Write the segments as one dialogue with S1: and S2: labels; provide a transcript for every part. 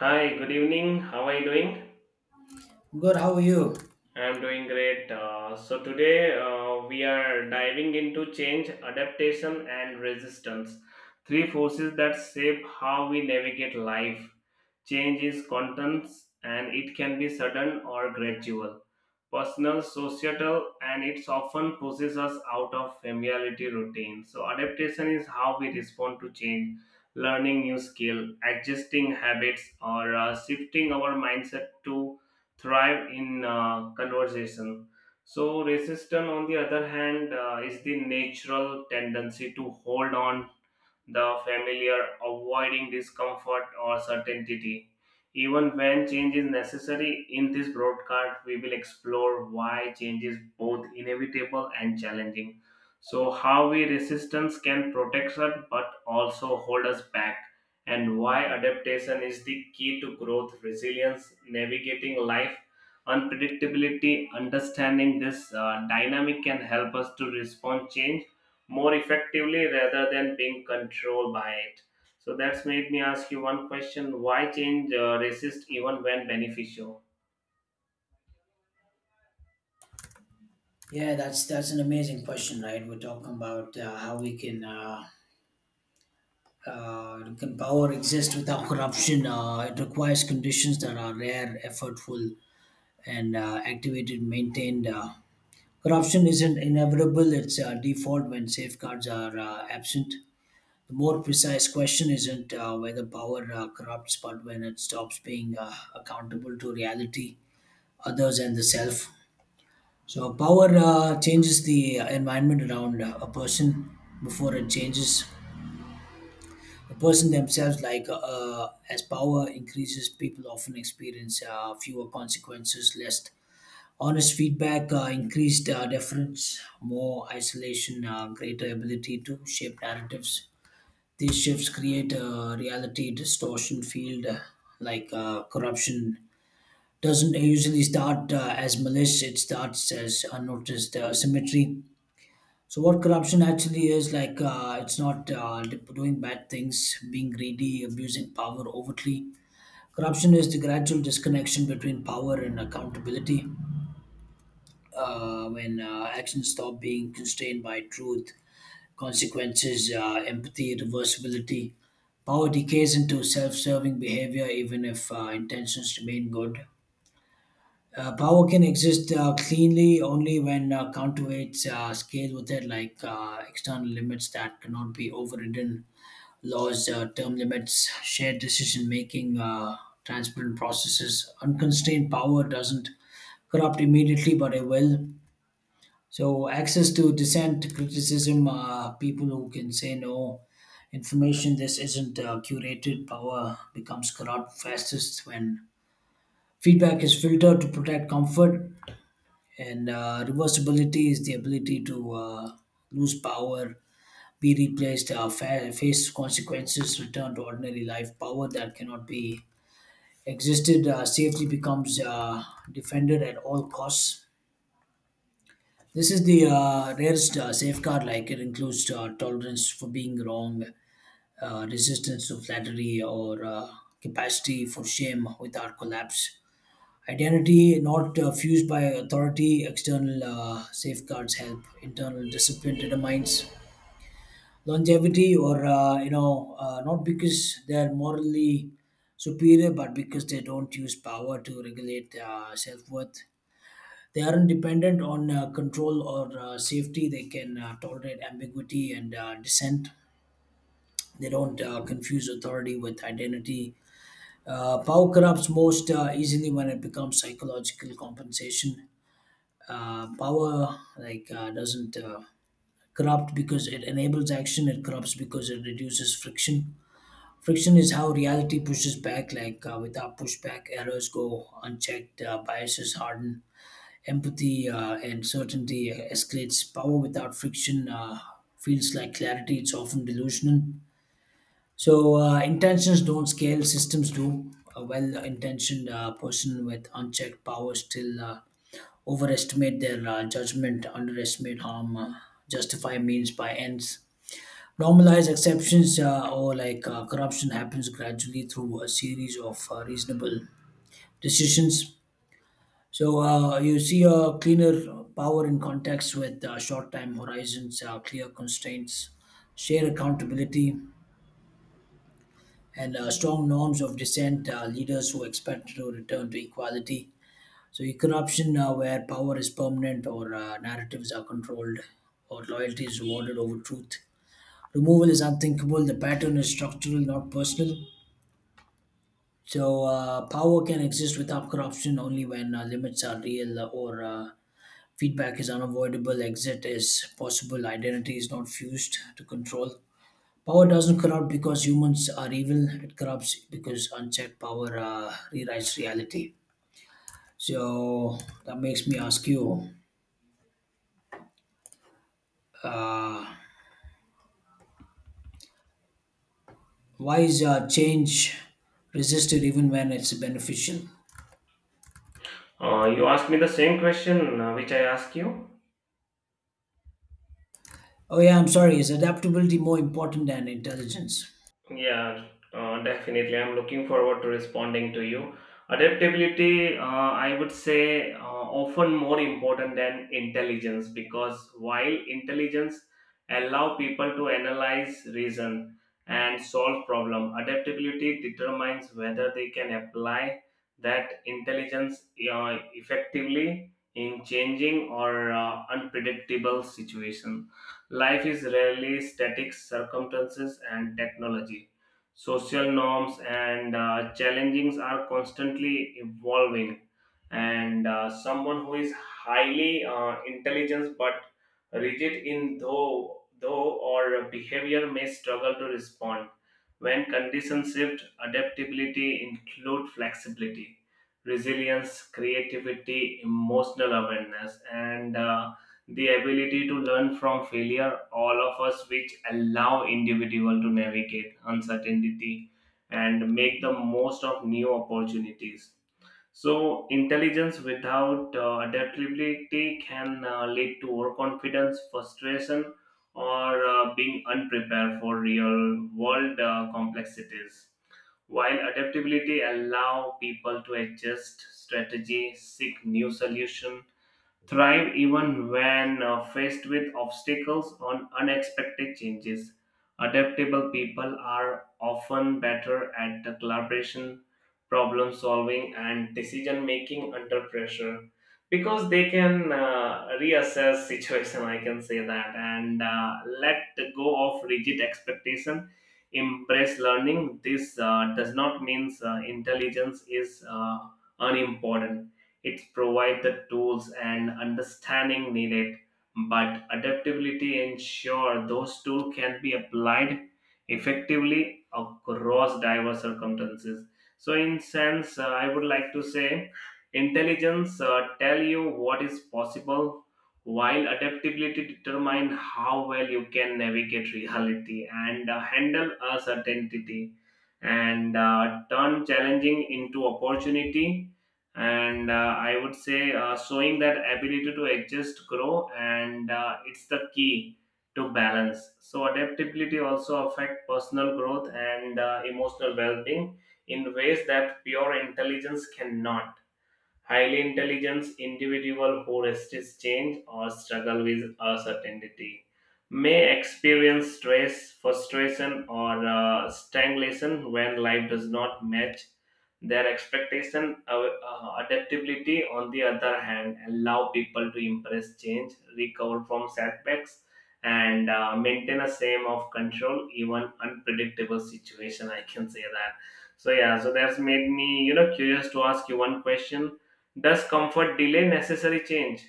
S1: Hi, good evening. How are you doing?
S2: Good. How are you?
S1: I'm doing great. So today we are diving into change, adaptation, and resistance. Three forces that shape how we navigate life. Change is constant and it can be sudden or gradual personal, societal, and it's often pushes us out of familiarity routine. So adaptation is how we respond to change, learning new skill, adjusting habits, or shifting our mindset to thrive in conversation. So resistance, on the other hand, is the natural tendency to hold on the familiar, avoiding discomfort or certainty. Even when change is necessary, in this broadcast, we will explore why change is both inevitable and challenging. So, how we resistance can protect us but also hold us back, and why adaptation is the key to growth, resilience, navigating life unpredictability understanding this dynamic can help us to respond change more effectively rather than being controlled by it. So that's made me ask you one question: Why change resist even when beneficial?
S2: Yeah, that's an amazing question, right? We're talking about how we can power exist without corruption. It requires conditions that are rare, effortful, and activated, maintained. Corruption isn't inevitable; it's default when safeguards are absent. The more precise question isn't whether power corrupts, but when it stops being accountable to reality, others, and the self. So power changes the environment around a person before it changes the person themselves. Like as power increases, people often experience fewer consequences, less honest feedback, increased deference, more isolation, greater ability to shape narratives. These shifts create a reality distortion field. Corruption doesn't usually start as malice; it starts as unnoticed symmetry. So what corruption actually is like? It's not doing bad things, being greedy, abusing power overtly. Corruption is the gradual disconnection between power and accountability. When actions stop being constrained by truth, consequences, empathy, reversibility, power decays into self-serving behavior, even if intentions remain good. Power can exist cleanly only when counterweights scale with it, like external limits that cannot be overridden, laws, term limits, shared decision making, transparent processes. Unconstrained power doesn't corrupt immediately, but it will. So, access to dissent, criticism, people who can say no, information this isn't curated, power becomes corrupt fastest when feedback is filtered to protect comfort, and reversibility is the ability to lose power, be replaced, face consequences, return to ordinary life. Power that cannot be existed safely becomes defended at all costs. This is the rarest safeguard, like it includes tolerance for being wrong, resistance to flattery, or capacity for shame without collapse. Identity not fused by authority, external safeguards help, internal discipline determines longevity, not because they're morally superior, but because they don't use power to regulate self worth. They aren't dependent on control or safety. They can tolerate ambiguity and dissent. They don't confuse authority with identity. Power corrupts most easily when it becomes psychological compensation. Power doesn't corrupt because it enables action. It corrupts because it reduces friction. Friction is how reality pushes back. Like without pushback, errors go unchecked, biases harden, empathy and certainty escalates. Power without friction feels like clarity. It's often delusional. So intentions don't scale, systems do. A well-intentioned person with unchecked power still overestimate their judgment, underestimate harm, justify means by ends, normalize exceptions, or like corruption happens gradually through a series of reasonable decisions. So you see a cleaner power in context with short-time horizons, clear constraints, shared accountability, and strong norms of dissent. Leaders who expect to return to equality. So you can option where power is permanent, or narratives are controlled, or loyalty is rewarded over truth. Removal is unthinkable. The pattern is structural, not personal. So power can exist without corruption only when limits are real, or feedback is unavoidable. Exit is possible. Identity is not fused to control. Power doesn't corrupt because humans are evil. It corrupts because unchecked power rewrites reality. So that makes me ask you. Uh, Why is change resisted even when it's beneficial?
S1: You asked me the same question which I asked you.
S2: Oh, yeah, I'm sorry. Is adaptability more important than intelligence?
S1: Yeah, definitely. I'm looking forward to responding to you. Adaptability, I would say, often more important than intelligence because while intelligence allow people to analyze, reason, and solve problem, adaptability determines whether they can apply that intelligence effectively in changing or unpredictable situation. Life is rarely static circumstances and technology. Social norms and challengings are constantly evolving. And someone who is highly intelligent but rigid in though or behavior may struggle to respond. When conditions shift, adaptability include flexibility, resilience, creativity, emotional awareness, and the ability to learn from failure, all of us which allow individual to navigate uncertainty and make the most of new opportunities. So intelligence without adaptability can lead to overconfidence, frustration, or being unprepared for real world complexities. While adaptability allow people to adjust strategy, seek new solution, thrive even when faced with obstacles or unexpected changes. Adaptable people are often better at the collaboration, problem solving, and decision making under pressure because they can reassess situation. I can say that and let go of rigid expectation. Embrace learning. This does not mean intelligence is unimportant it provides the tools and understanding needed, but adaptability ensures those tools can be applied effectively across diverse circumstances. So, in sense, I would like to say intelligence tell you what is possible while adaptability determine how well you can navigate reality and handle uncertainty and turn challenging into opportunity and I would say showing that ability to adjust grow and it's the key to balance so adaptability also affect personal growth and emotional well-being in ways that pure intelligence cannot highly intelligent individual who resist change or struggle with uncertainty may experience stress, frustration, or stagnation when life does not match their expectation. Adaptability, on the other hand, allow people to embrace change, recover from setbacks, and maintain a same of control even unpredictable situation. I can say that. So yeah, so that's made me curious to ask you one question does comfort delay necessary change?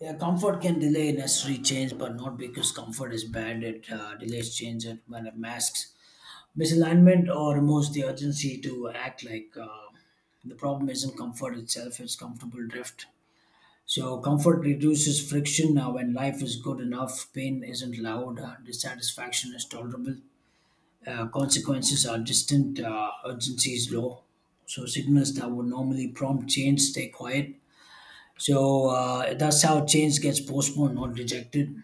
S2: Yeah, comfort can delay necessary change, but not because comfort is bad. It delays change it when it masks misalignment or removes the urgency to act. Like the problem isn't comfort itself, it's comfortable drift. So, comfort reduces friction when life is good enough, pain isn't loud, dissatisfaction is tolerable. Consequences are distant, urgency is low. So signals that would normally prompt change stay quiet. So that's how change gets postponed, not rejected.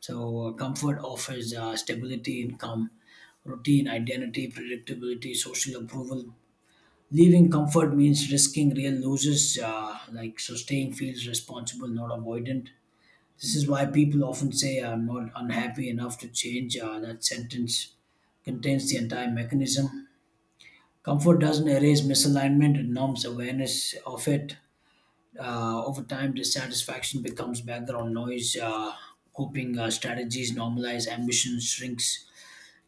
S2: So comfort offers stability, income, routine, identity, predictability, social approval. Leaving comfort means risking real losses. Like so, staying feels responsible, not avoidant. This is why people often say, "I'm not unhappy enough to change." That sentence contains the entire mechanism. Comfort doesn't erase misalignment; it numbs awareness of it. Over time, dissatisfaction becomes background noise. Coping strategies normalize, ambition shrinks,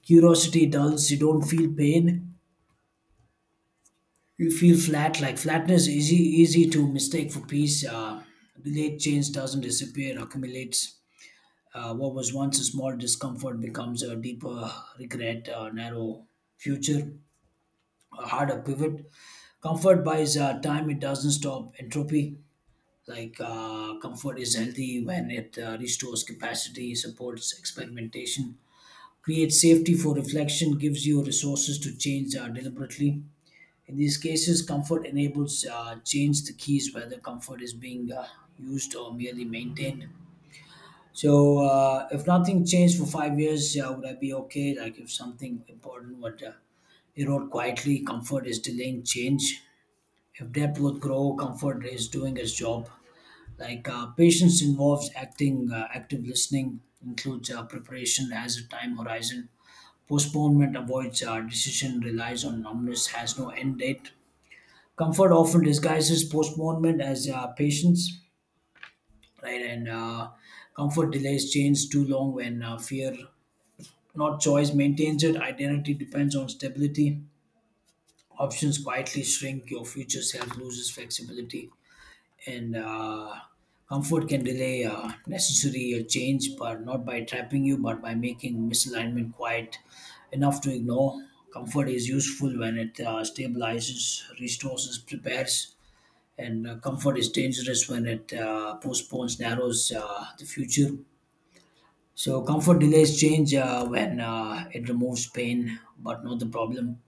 S2: curiosity dulls. You don't feel pain; you feel flat. Like flatness is easy to mistake for peace. Delayed change doesn't disappear; accumulates. What was once a small discomfort becomes a deeper regret, narrow future. Had a pivot. Comfort buys time; it doesn't stop entropy. Like comfort is healthy when it restores capacity, supports experimentation, creates safety for reflection, gives you resources to change deliberately. In these cases, comfort enables change the keys whether comfort is being used or merely maintained. So, if nothing changed for 5 years, would I be okay? Like, if something important would erode quietly, comfort is delaying change. If depth would grow, comfort is doing its job. Like patience involves acting, active listening includes preparation as a time horizon. Postponement avoids decision, relies on numbness, has no end date. Comfort often disguises postponement as patience, right? And comfort delays change too long when fear, not choice, maintains it. Identity depends on stability. Options quietly shrink, your future self loses flexibility, and comfort can delay necessary change, but not by trapping you, but by making misalignment quiet enough to ignore. Comfort is useful when it stabilizes, restores, prepares, and comfort is dangerous when it postpones, narrows the future. So, comfort delays change when it removes pain, but not the problem.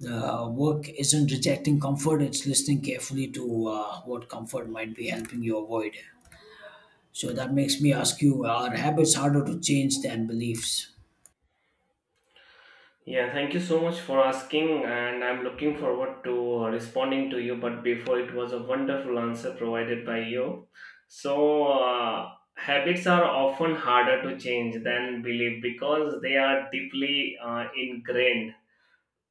S2: The work isn't rejecting comfort, it's listening carefully to what comfort might be helping you avoid. So that makes me ask you, are habits harder to change than beliefs?
S1: Yeah, thank you so much for asking, and I'm looking forward to responding to you. But before, it was a wonderful answer provided by you. So, uh, habits are often harder to change than belief because they are deeply ingrained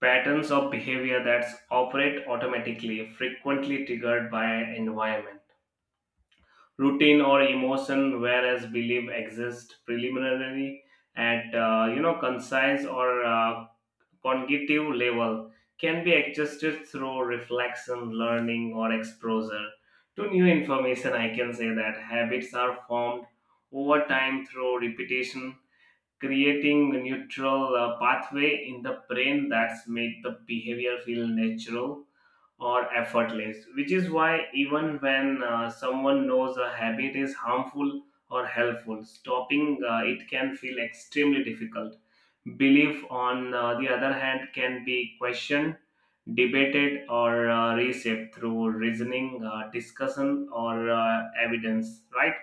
S1: patterns of behavior that operate automatically, frequently triggered by environment. Routine or emotion whereas belief exists preliminary at concise or cognitive level can be adjusted through reflection learning or exposure to new information I can say that habits are formed over time through repetition creating a neutral pathway in the brain that's make the behavior feel natural or effortless, which is why even when someone knows a habit is harmful or helpful, stopping it can feel extremely difficult. Belief, on the other hand, can be questioned, debated, or reshaped through reasoning, discussion, or evidence, right?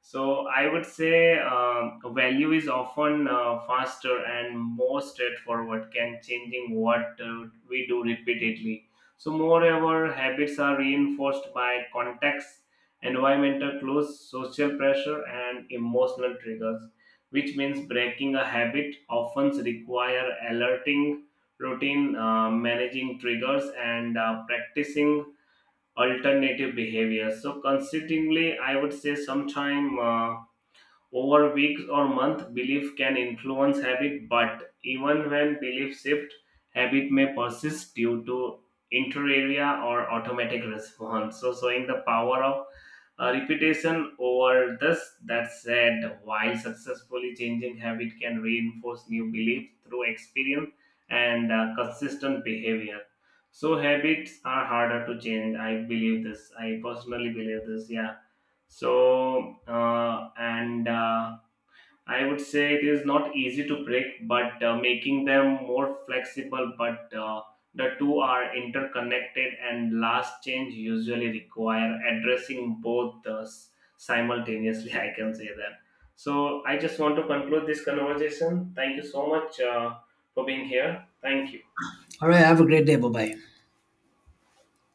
S1: So I would say value is often faster and more straightforward can changing what we do repeatedly. So moreover, habits are reinforced by context, environmental clues, social pressure, and emotional triggers, which means breaking a habit often require alerting routine, managing triggers, and practicing alternative behaviors. So, consequently, I would say sometime. Over weeks or months, belief can influence habit, but even when belief shift, habit may persist due to interarea or automatic response. So, showing the power of repetition over this. That said, while successfully changing habit can reinforce new belief through experience and consistent behavior. So habits are harder to change. I believe this. I personally believe this. Yeah. So, and I would say it is not easy to break, but making them more flexible. But the two are interconnected, and last change usually require addressing both simultaneously. I can say that. So, I just want to conclude this conversation. Thank you so much for being here. Thank you.
S2: All right, have a great day. Bye bye.